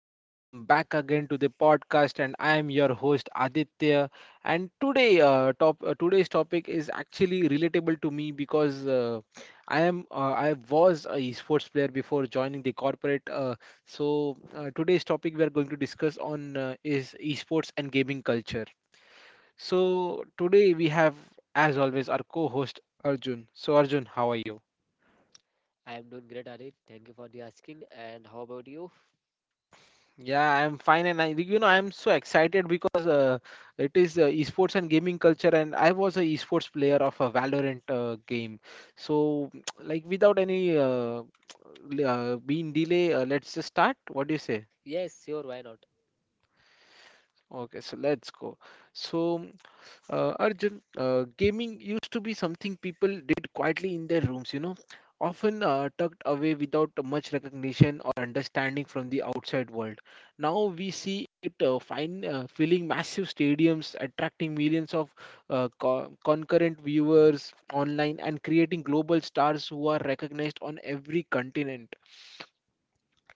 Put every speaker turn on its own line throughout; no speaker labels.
and welcome back again to the podcast. And I am your host Aditya. And today, top today's topic is actually relatable to me because I was a esports player before joining the corporate. Today's topic we are going to discuss on is esports and gaming culture. So today we have, as always, our co-host Arjun. So Arjun, how are you?
I am doing great, Arif. Thank you for the asking. And how about you?
Yeah, I'm fine, and I, you know, I'm so excited because it is esports and gaming culture, and I was a esports player of a Valorant game. So, like, without any being delay, let's just start. What do you say?
Yes, sure, why not?
Okay, so let's go. So, Arjun, gaming used to be something people did quietly in their rooms, you know, often tucked away without much recognition or understanding from the outside world. Now we see it filling massive stadiums, attracting millions of concurrent viewers online, and creating global stars who are recognized on every continent.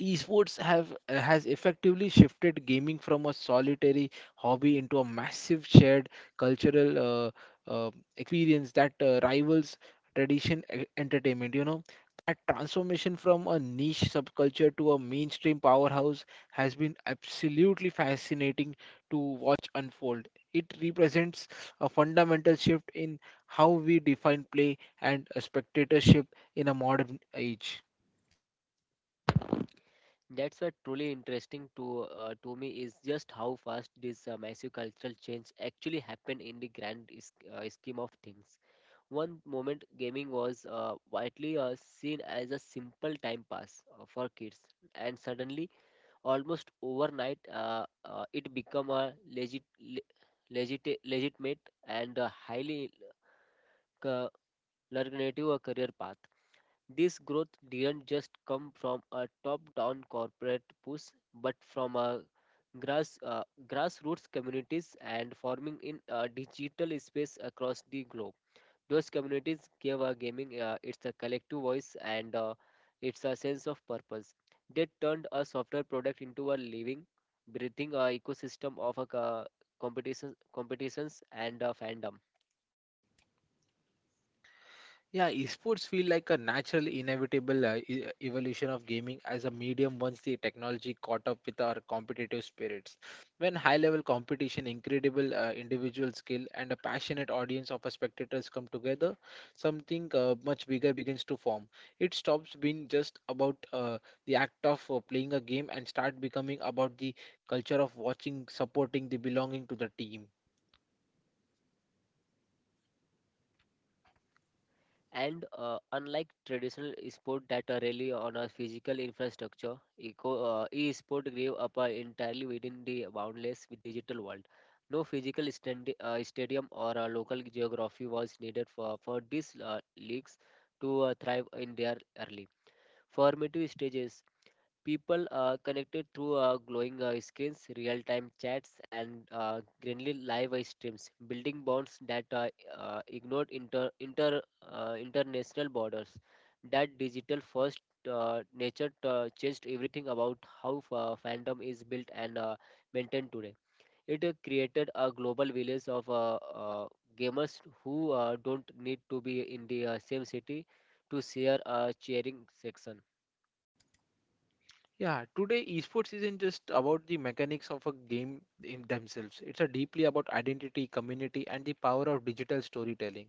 Esports have has effectively shifted gaming from a solitary hobby into a massive shared cultural uh, experience that rivals tradition entertainment, you know, that transformation from a niche subculture to a mainstream powerhouse has been absolutely fascinating to watch unfold. It represents a fundamental shift in how we define play and spectatorship in a modern age.
That's what truly interesting to me is just how fast this massive cultural change actually happened in the grand scheme of things. One moment, gaming was widely seen as a simple time pass for kids, and suddenly, almost overnight, it became a legitimate and highly uh, lucrative career path. This growth didn't just come from a top-down corporate push, but from a grassroots communities and forming in a digital space across the globe. Those communities gave a gaming its a collective voice and it's a sense of purpose. They turned a software product into a living, breathing ecosystem of a competitions and fandom.
Yeah, esports feel like a natural, inevitable evolution of gaming as a medium once the technology caught up with our competitive spirits. When high-level competition, incredible individual skill, and a passionate audience of spectators come together, something much bigger begins to form. It stops being just about the act of playing a game and start becoming about the culture of watching, supporting, the belonging to the team.
And Unlike traditional sport that are really on a physical infrastructure, e-sport grew up entirely within the boundless digital world. No physical stadium or a local geography was needed for these leagues to thrive in their early formative stages. People are connected through glowing screens, real-time chats, and greenly live streams, building bonds that ignore international borders. That digital-first nature changed everything about how fandom is built and maintained today. It created a global village of gamers who don't need to be in the same city to share a cheering section.
Yeah, today esports isn't just about the mechanics of a game in themselves. It's a deeply about identity, community, and the power of digital storytelling.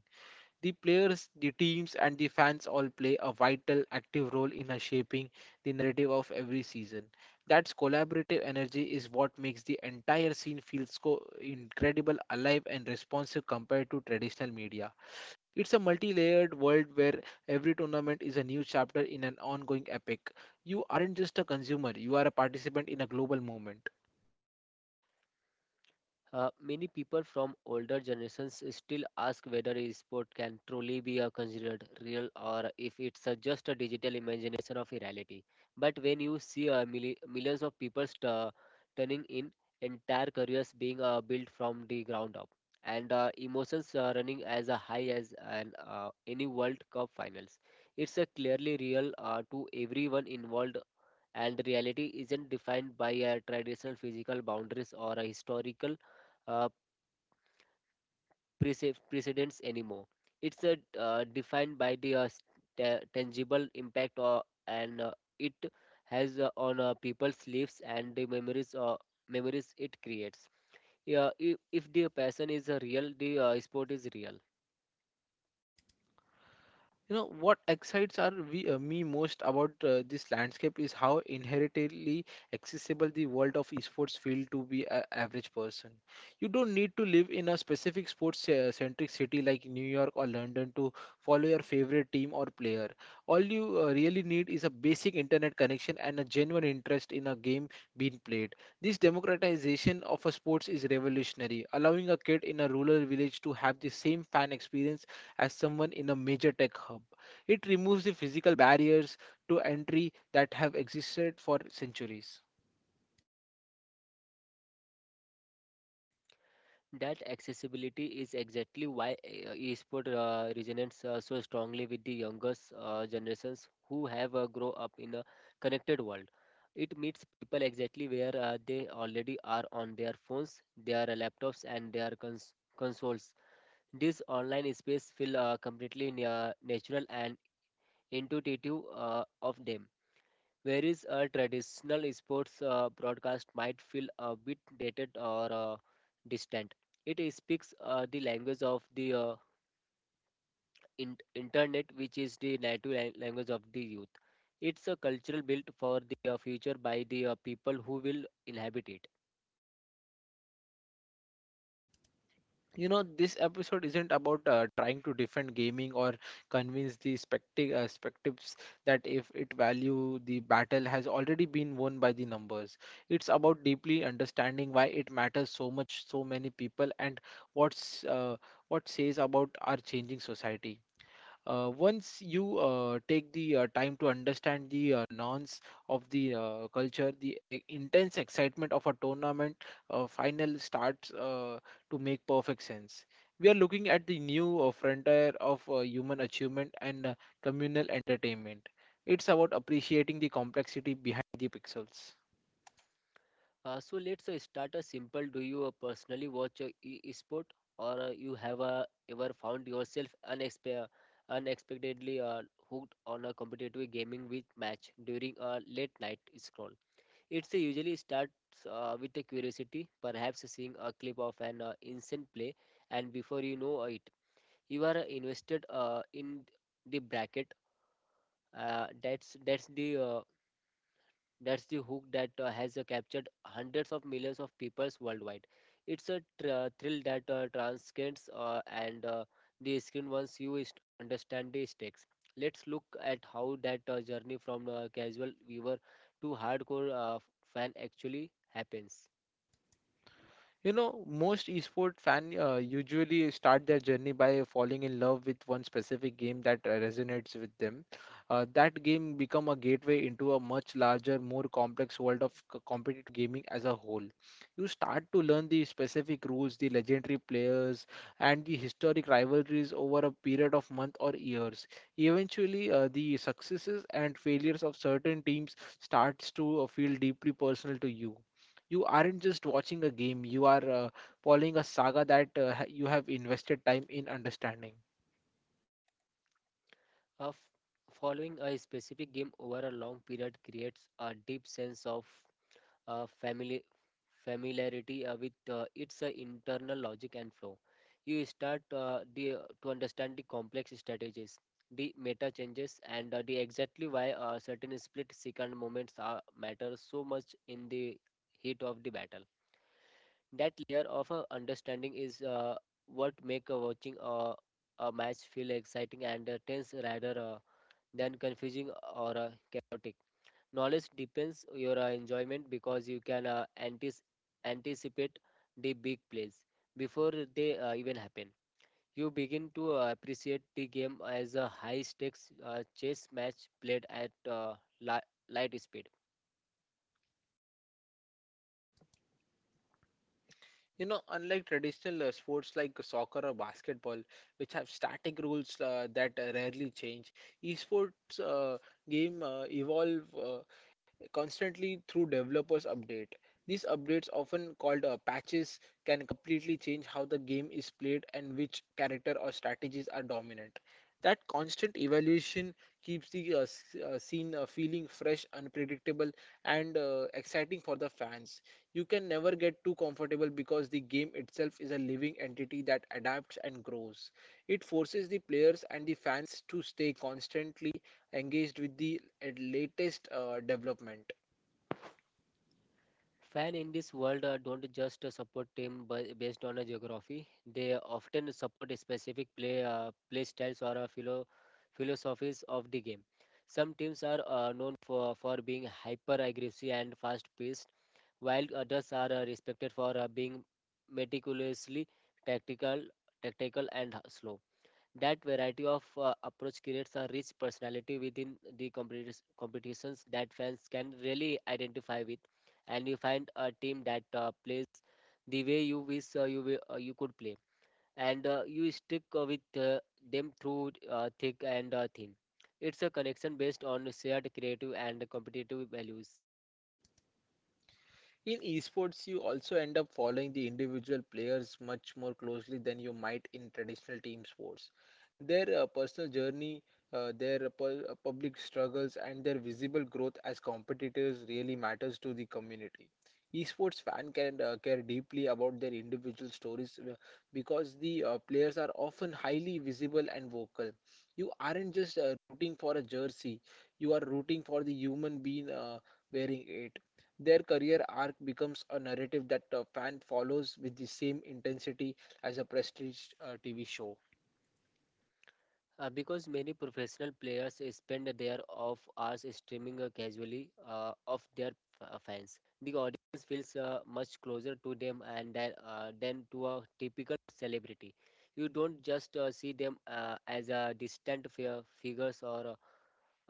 The players, the teams, and the fans all play a vital, active role in a shaping the narrative of every season. That collaborative energy is what makes the entire scene feel so incredible, alive, and responsive compared to traditional media. It's a multi layered world where every tournament is a new chapter in an ongoing epic. You aren't just a consumer, you are a participant in a global movement.
Many people from older generations still ask whether a sport can truly be considered real or if it's just a digital imagination of a reality. But when you see millions of people turning in, entire careers being built from the ground up, and emotions running as high as any World Cup finals, it's clearly real to everyone involved, and reality isn't defined by a traditional physical boundaries or a historical uh, precedence anymore. It's defined by the tangible impact or and it has on people's lives and the memories it creates. Yeah, if the passion is real, the sport is real.
You know, what excites me most about this landscape is how inherently accessible the world of esports feel to be an average person. You don't need to live in a specific sports-centric city like New York or London to follow your favorite team or player. All you really need is a basic internet connection and a genuine interest in a game being played. This democratization of a sports is revolutionary, allowing a kid in a rural village to have the same fan experience as someone in a major tech hub. It removes the physical barriers to entry that have existed for centuries.
That accessibility is exactly why e resonates so strongly with the youngest generations who have grown up in a connected world. It meets people exactly where they already are on their phones, their laptops, and their consoles. This online space feel completely na natural and intuitive of them, whereas a traditional sports broadcast might feel a bit dated or distant. It speaks the language of the in- internet, which is the native language of the youth. It's a cultural built for the future by the people who will inhabit it.
You know, this episode isn't about trying to defend gaming or convince the spectives that if it value the battle has already been won by the numbers. It's about deeply understanding why it matters so much, so many people, and what's uh, what says about our changing society. Once you take the time to understand the nuance of the culture, the intense excitement of a tournament final starts to make perfect sense. We are looking at the new frontier of human achievement and communal entertainment. It's about appreciating the complexity behind the pixels.
So let's start a simple. Do you personally watch e-sport, or you have ever found yourself unexpectedly hooked on a competitive gaming with match during a late night scroll? It's usually starts with a curiosity, perhaps seeing a clip of an instant play, and before you know it, you are invested in the bracket. Uh, that's that's the uh, that's the hook that has captured hundreds of millions of peoples worldwide. It's a thrill that transcends and the screen once you understand the stakes. Let's look at how that journey from casual viewer to hardcore fan actually happens.
You know, most esport fan usually start their journey by falling in love with one specific game that resonates with them. That game become a gateway into a much larger, more complex world of competitive gaming as a whole. You start to learn the specific rules, the legendary players, and the historic rivalries over a period of months or years. Eventually, the successes and failures of certain teams starts to feel deeply personal to you. You aren't just watching a game, you are following a saga that you have invested time in understanding.
Uh, f- Following a specific game over a long period creates a deep sense of uh, famili- familiarity with its internal logic and flow. You start uh, the, to understand the complex strategies, the meta changes, and the exactly why certain split second matter so much in the heat of the battle. That layer of understanding is what make watching a match feel exciting and tense rather than confusing or chaotic. Knowledge depends your enjoyment because you can anticipate the big plays before they even happen. You begin to appreciate the game as a high stakes chess match played at light speed.
You know, unlike traditional sports like soccer or basketball, which have static rules that rarely change, esports game evolve constantly through developers update. These updates, often called patches, can completely change how the game is played and which character or strategies are dominant. That constant evaluation keeps the scene feeling fresh, unpredictable, and exciting for the fans. You can never get too comfortable because the game itself is a living entity that adapts and grows. It forces the players and the fans to stay constantly engaged with the latest development.
Fan in this world don't just support team based on a geography. They often support a specific play styles or philosophies of the game. Some teams are known for being hyper aggressive and fast paced, while others are respected for being meticulously tactical, tactical and slow. That variety of approach creates a rich personality within the competitions that fans can really identify with, and you find a team that plays the way you wish you could play, and you stick with them through thick and thin. It's a connection based on shared creative and competitive values.
In esports, you also end up following the individual players much more closely than you might in traditional team sports. Their personal journey, their public struggles, and their visible growth as competitors really matters to the community. Esports fans can care deeply about their individual stories because the players are often highly visible and vocal. You aren't just rooting for a jersey; you are rooting for the human being wearing it. Their career arc becomes a narrative that a fan follows with the same intensity as a prestige TV show.
Because many professional players spend their off hours streaming casually of their fans. The audience feels much closer to them than to a typical celebrity. You don't just see them as distant figures or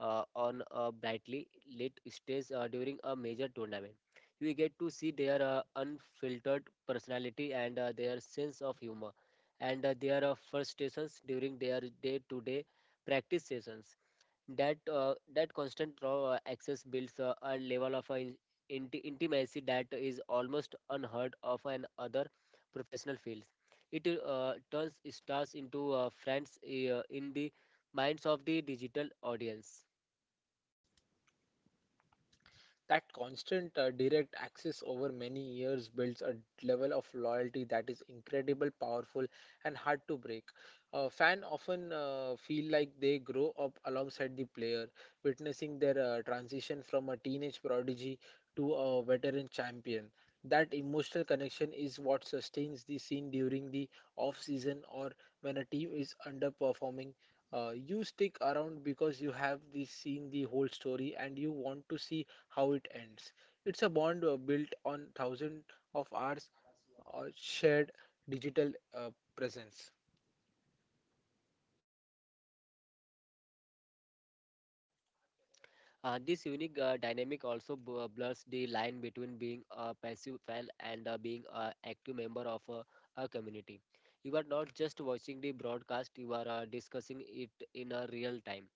on a brightly lit stage during a major tournament. You get to see their unfiltered personality and their sense of humor and there are frustrations during their day-to-day practice sessions. That constant raw access builds a level of intimacy that is almost unheard of in other professional fields. It turns stars into friends in the minds of the digital audience.
That constant direct access over many years builds a level of loyalty that is incredible, powerful, and hard to break. Fan often feel like they grow up alongside the player, witnessing their transition from a teenage prodigy to a veteran champion. That emotional connection is what sustains the scene during the off season or when a team is underperforming. You stick around because you have the, seen the whole story and you want to see how it ends. It's a bond built on thousands of hours or shared digital presence.
This unique dynamic also blurs the line between being a passive fan and being an active member of a community. You are not just watching the broadcast, you are discussing it in a real time,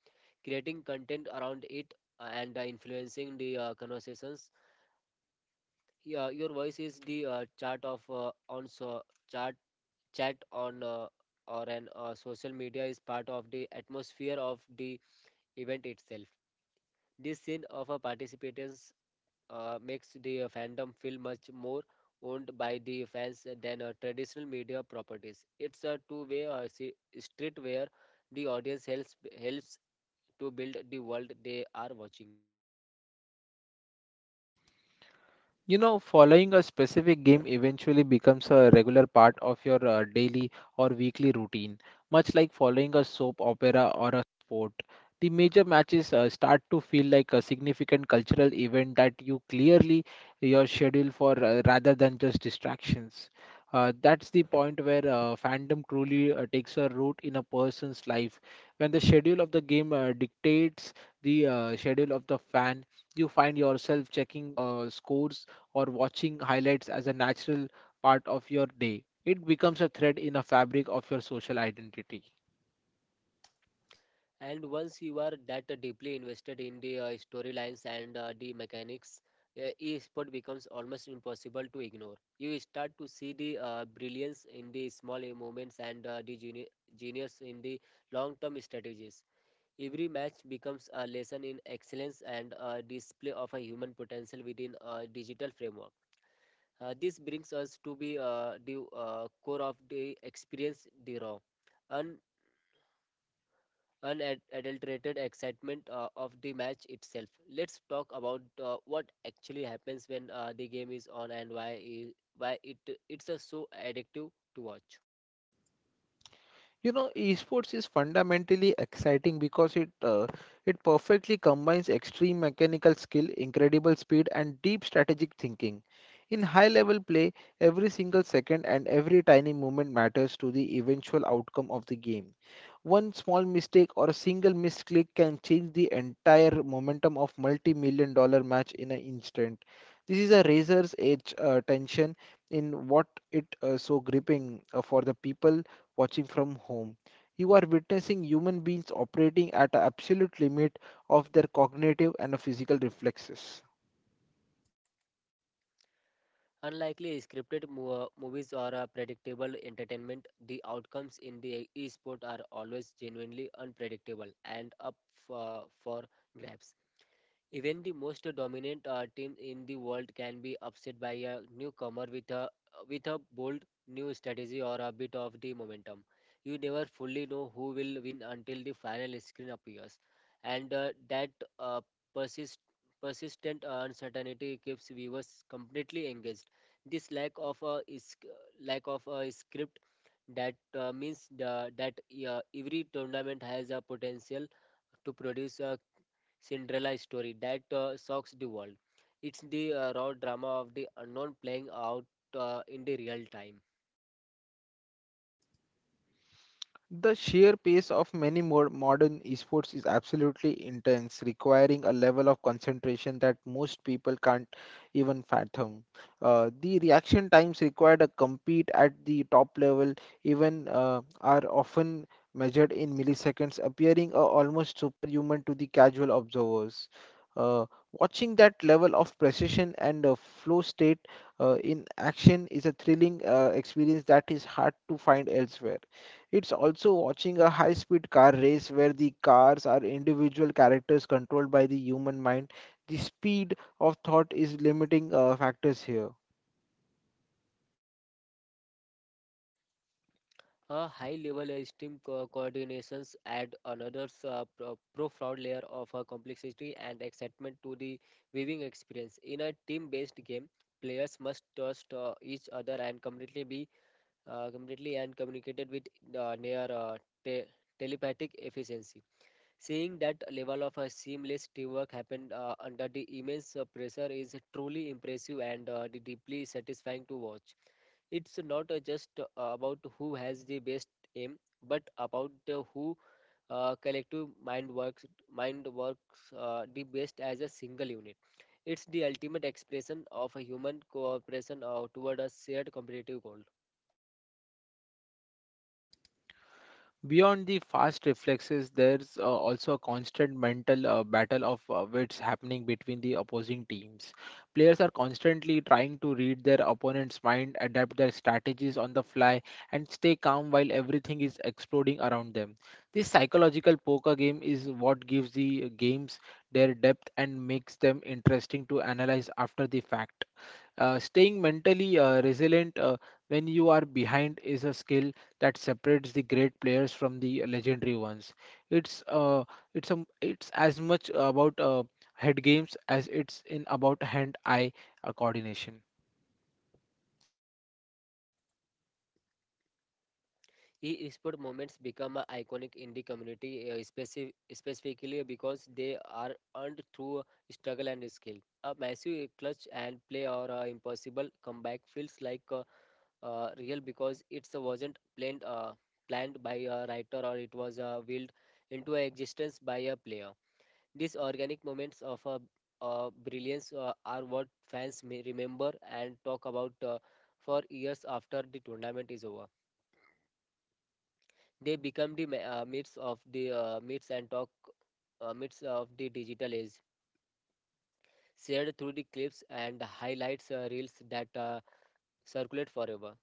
creating content around it and influencing the conversations. Yeah, your voice is the chart of on so chart chat on or an social media is part of the atmosphere of the event itself. This scene of a participants makes the fandom feel much more owned by the fans than traditional media properties. It's a two-way street where the audience helps to build the world they are watching.
You know, following a specific game eventually becomes a regular part of your daily or weekly routine, much like following a soap opera or a sport. The major matches start to feel like a significant cultural event that you clearly your schedule for rather than just distractions. That's the point where fandom truly takes a root in a person's life. When the schedule of the game dictates the schedule of the fan, you find yourself checking scores or watching highlights as a natural part of your day. It becomes a thread in a fabric of your social identity.
And once you are that deeply invested in the storylines and the mechanics, e-sport becomes almost impossible to ignore. You start to see the brilliance in the small moments and genius in the long-term strategies. Every match becomes a lesson in excellence and a display of a human potential within a digital framework. This brings us to be the core of the experience, the raw unadulterated excitement of the match itself. Let's talk about what actually happens when the game is on and why it's so addictive to watch.
You know, esports is fundamentally exciting because it perfectly combines extreme mechanical skill, incredible speed, and deep strategic thinking. In high-level play, every single second and every tiny movement matters to the eventual outcome of the game. One small mistake or a single misclick can change the entire momentum of multi-million dollar match in an instant. This is a razor's edge tension in what it so gripping for the people watching from home. You are witnessing human beings operating at an absolute limit of their cognitive and physical reflexes.
Unlikely scripted movies or predictable entertainment, the outcomes in the esport are always genuinely unpredictable and up for grabs. Even the most dominant team in the world can be upset by a newcomer with a bold new strategy or a bit of the momentum. You never fully know who will win until the final screen appears, and that uh, persist persistent uncertainty keeps viewers completely engaged. This lack of a is lack of a script that every tournament has a potential to produce a Cinderella story that shocks the world. It's the raw drama of the unknown playing out in the real time.
The sheer pace of many more modern esports is absolutely intense, requiring a level of concentration that most people can't even fathom. The reaction times required to compete at the top level even are often measured in milliseconds, appearing almost superhuman to the casual observers. Uh, Watching that level of precision and flow state in action is a thrilling experience that is hard to find elsewhere. It's also watching a high speed car race where the cars are individual characters controlled by the human mind. The speed of thought is limiting factors here.
A high-level esteem coordinations add another profound layer of complexity and excitement to the viewing experience. In a team-based game, players must trust each other and completely be completely and communicated with uh, near uh, te- telepathic efficiency. Seeing that level of seamless teamwork happened under the immense pressure is truly impressive and deeply satisfying to watch. It's not just about who has the best aim, but about who collective mind works the best as a single unit. It's the ultimate expression of a human cooperation toward a shared competitive goal.
Beyond the fast reflexes, there's also a constant mental battle of wits happening between the opposing teams. Players are constantly trying to read their opponent's mind, adapt their strategies on the fly, and stay calm while everything is exploding around them. This psychological poker game is what gives the games their depth and makes them interesting to analyze after the fact. Staying mentally resilient when you are behind is a skill that separates the great players from the legendary ones. It's uh, it's as much about head games as it's in about hand-eye coordination.
E-sport moments become iconic in the community, specifically because they are earned through struggle and skill. A massive clutch and play or impossible comeback feels like real because it wasn't planned by a writer or it was willed into existence by a player. These organic moments of brilliance are what fans may remember and talk about for years after the tournament is over. They become the myths of the myths and talk myths of the digital age, shared through the clips and highlights reels that circulate forever.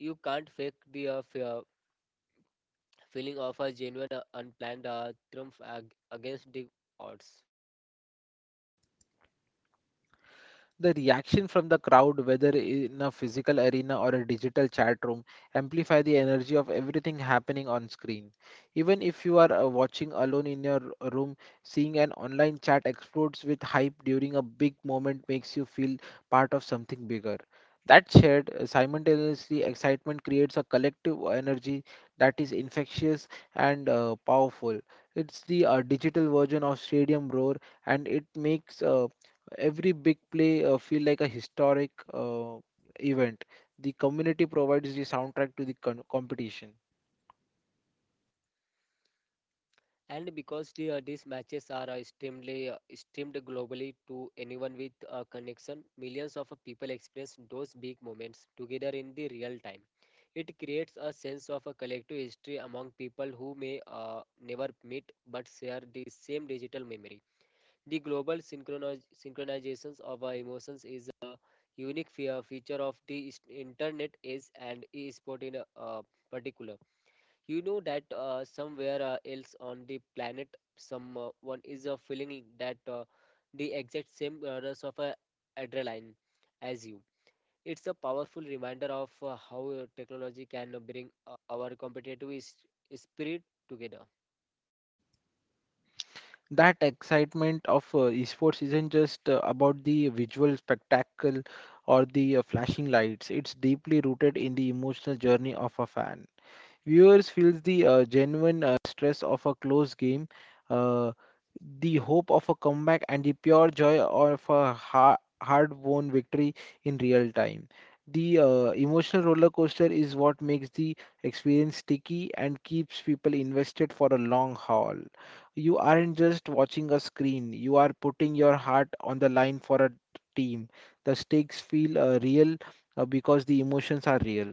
You can't fake the feeling of a genuine, unplanned triumph against the odds.
The reaction from the crowd, whether in a physical arena or a digital chat room, amplify the energy of everything happening on screen. Even if you are watching alone in your room, seeing an online chat explodes with hype during a big moment makes you feel part of something bigger. That shared, simultaneously excitement creates a collective energy that is infectious and powerful. It's the digital version of Stadium Roar, and it makes every big play feel like a historic event. The community provides the soundtrack to the competition.
And because these matches are extremely streamed globally to anyone with a connection, millions of people experience those big moments together in the real time. It creates a sense of a collective history among people who may never meet but share the same digital memory. The global synchronizations of our emotions is a unique feature of the internet age and e-sport in particular. You know that somewhere else on the planet, someone is feeling that the exact same rush of adrenaline as you. It's a powerful reminder of how technology can bring our competitive spirit together.
That excitement of esports isn't just about the visual spectacle or the flashing lights. It's deeply rooted in the emotional journey of a fan. Viewers feels the genuine stress of a close game, uh, the hope of a comeback, and the pure joy of a ha hard-won victory in real time. The emotional roller coaster is what makes the experience sticky and keeps people invested for a long haul. You aren't just watching a screen, you are putting your heart on the line for a team. The stakes feel real because the emotions are real.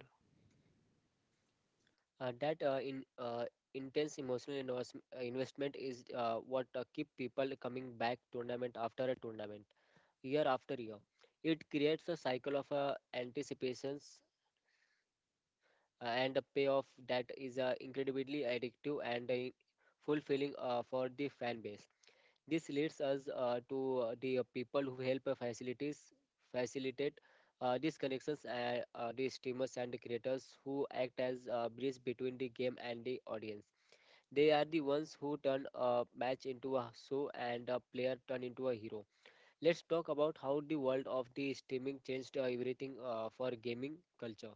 That in intense emotional investment is what keep people coming back tournament after a tournament, year after year. It creates a cycle of anticipation and the payoff that is incredibly addictive and fulfilling for the fan base. This leads us to the people who help facilities facilitate these connections and the streamers and the creators who act as a bridge between the game and the audience. They are the ones who turn a match into a show and a player turn into a hero. Let's talk about how the world of the streaming changed everything for gaming culture.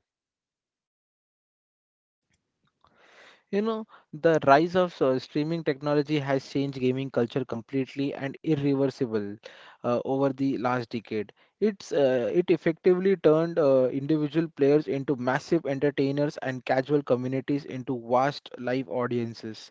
You know, the rise of streaming technology has changed gaming culture completely and irreversible over the last decade. It effectively turned individual players into massive entertainers and casual communities into vast live audiences.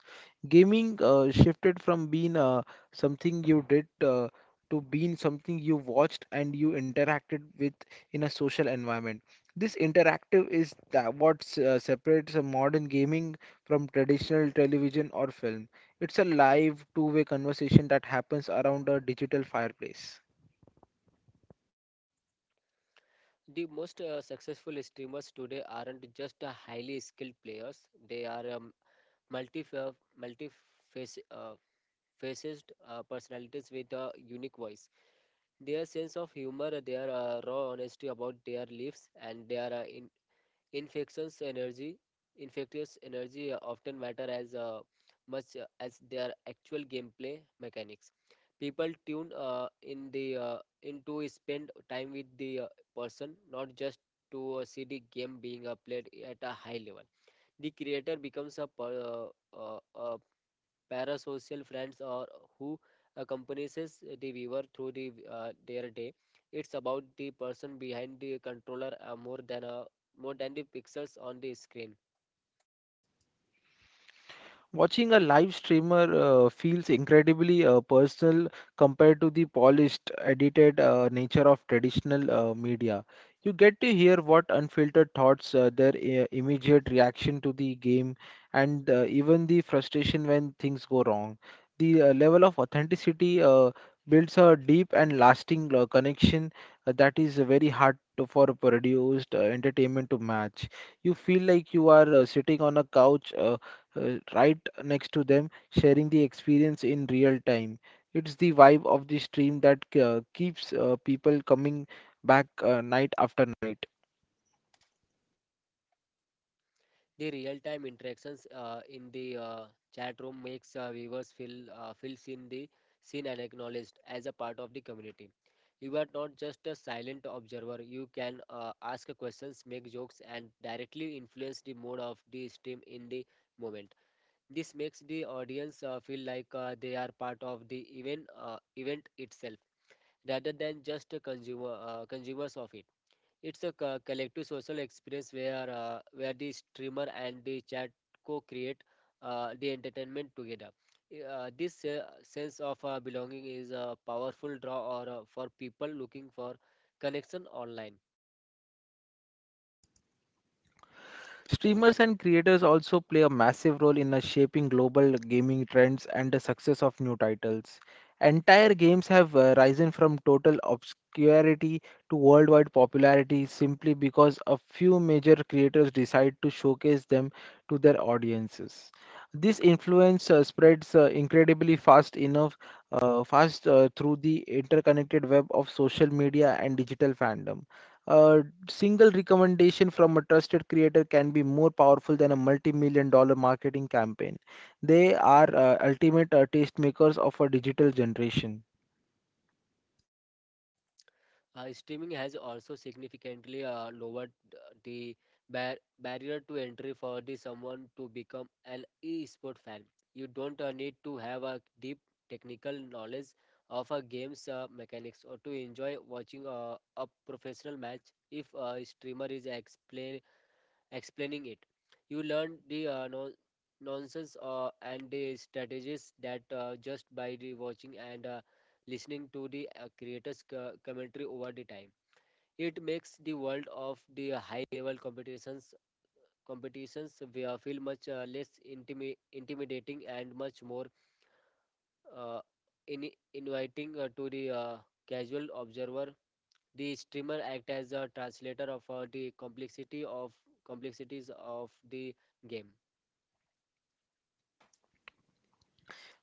Gaming shifted from being something you did to being something you watched and you interacted with in a social environment. This interactive is that what separates a modern gaming from traditional television or film. It's a live, two-way conversation that happens around a digital fireplace.
The most successful streamers today aren't just highly skilled players. They are multi multi uh, faced personalities with a unique voice. Their sense of humor, their raw honesty about their lives, and their Infections energy, infectious energy often matter as much as their actual gameplay mechanics. People tune in the into spend time with the person, not just to see the game being played at a high level. The creator becomes a parasocial friends or who accompanies the viewer through their day. It's about the person behind the controller more than the pixels on the screen.
Watching a live streamer feels incredibly personal compared to the polished, edited nature of traditional media. You get to hear what unfiltered thoughts, their immediate reaction to the game, and even the frustration when things go wrong. The level of authenticity builds a deep and lasting connection that is very hard to, for produced entertainment to match. You feel like you are sitting on a couch. Right next to them, sharing the experience in real time. It's the vibe of the stream that keeps people coming back night after night.
The real-time interactions in the chat room makes viewers feel seen and acknowledged as a part of the community. You are not just a silent observer. You can ask questions, make jokes, and directly influence the mood of the stream in the moment. This makes the audience feel like they are part of the event itself, rather than just a consumers of it. It's a collective social experience where where the streamer and the chat co-create the entertainment together. This sense of belonging is a powerful draw or for people looking for connection online.
Streamers and creators also play a massive role in shaping global gaming trends and the success of new titles. Entire games have risen from total obscurity to worldwide popularity simply because a few major creators decide to showcase them to their audiences. This influence spreads incredibly fast enough, fast through the interconnected web of social media and digital fandom. Uh, Single recommendation from a trusted creator can be more powerful than a multi-million dollar marketing campaign. They are ultimate tastemakers of a digital generation.
Streaming has also significantly lowered the barrier to entry for the someone to become an e-sport fan. You don't need to have a deep technical knowledge of a game's mechanics or to enjoy watching a professional match if a streamer is explaining it. You learn the nonsense and the strategies that just by the watching and listening to the creators' commentary over the time. It makes the world of the high level competitions we are feel much less intimidating and much more uh, inviting to the casual observer. The streamer act as a translator of the complexity of complexities of the game.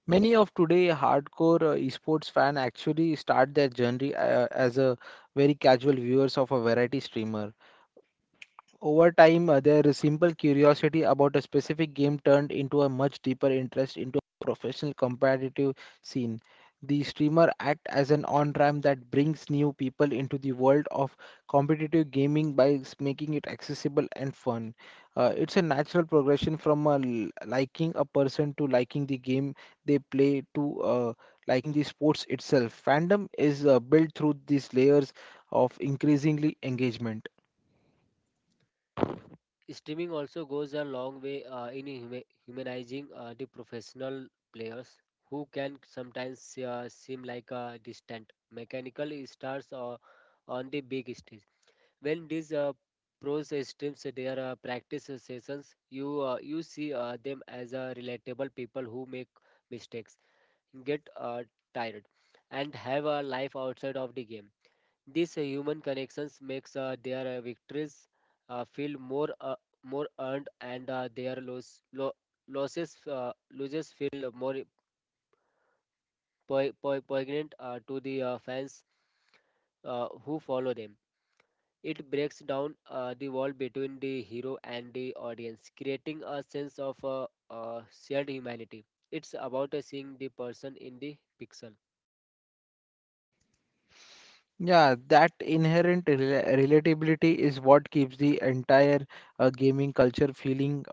Many of today hardcore esports fan actually start their journey as a very casual viewers of a variety streamer. Over time, their simple curiosity about a specific game turned into a much deeper interest into a professional competitive scene. The streamer act as an on-ramp that brings new people into the world of competitive gaming by making it accessible and fun. It's a natural progression from a liking a person to liking the game they play to liking the sports itself. Fandom is built through these layers of increasingly engagement.
Streaming also goes a long way in humanizing the professional players who can sometimes seem like distant mechanical stars on the big stage. When these pros streams their practice sessions, you see them as relatable people who make mistakes, get tired, and have a life outside of the game. These human connections makes their victories feel more earned and their losses losses feel more poignant to the fans who follow them. It breaks down the wall between the hero and the audience, creating a sense of shared humanity. It's about seeing the person in the pixel.
Yeah, that inherent relatability is what keeps the entire gaming culture feeling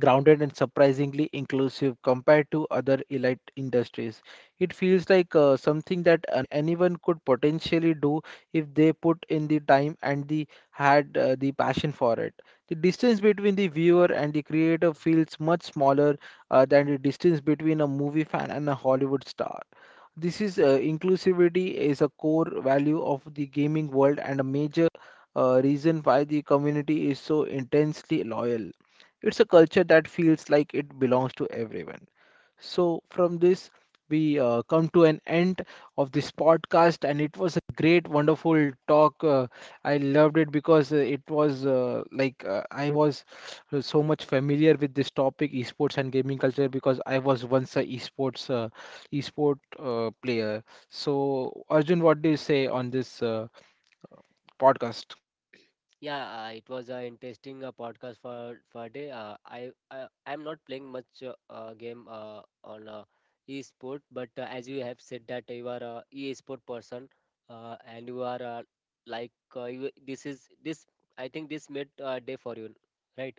grounded and surprisingly inclusive compared to other elite industries. It feels like something that anyone could potentially do if they put in the time and the had the passion for it. The distance between the viewer and the creator feels much smaller than the distance between a movie fan and a Hollywood star. This is inclusivity is a core value of the gaming world and a major reason why the community is so intensely loyal. It's a culture that feels like it belongs to everyone. So, from this, we come to an end of this podcast, and it was a great, wonderful talk. I loved it because it was I was so much familiar with this topic, esports and gaming culture, because I was once a esports esport player. So, Arjun, what do you say on this podcast?
Yeah, it was an interesting podcast for day. I'm not playing much game on e-sport, but as you have said that you are a e-sport person, and you are you, this is this. I think this made day for you, right?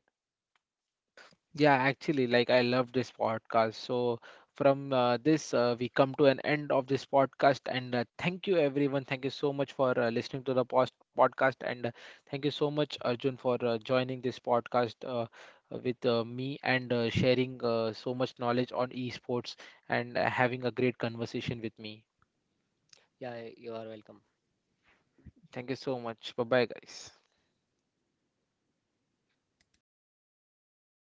Yeah, actually, like I love this podcast. So, from this, we come to an end of this podcast. And thank you, everyone. Thank you so much for listening to the post podcast. And thank you so much, Arjun, for joining this podcast with me and sharing so much knowledge on esports and having a great conversation with me.
Yeah, you are welcome.
Thank you so much. Bye bye, guys.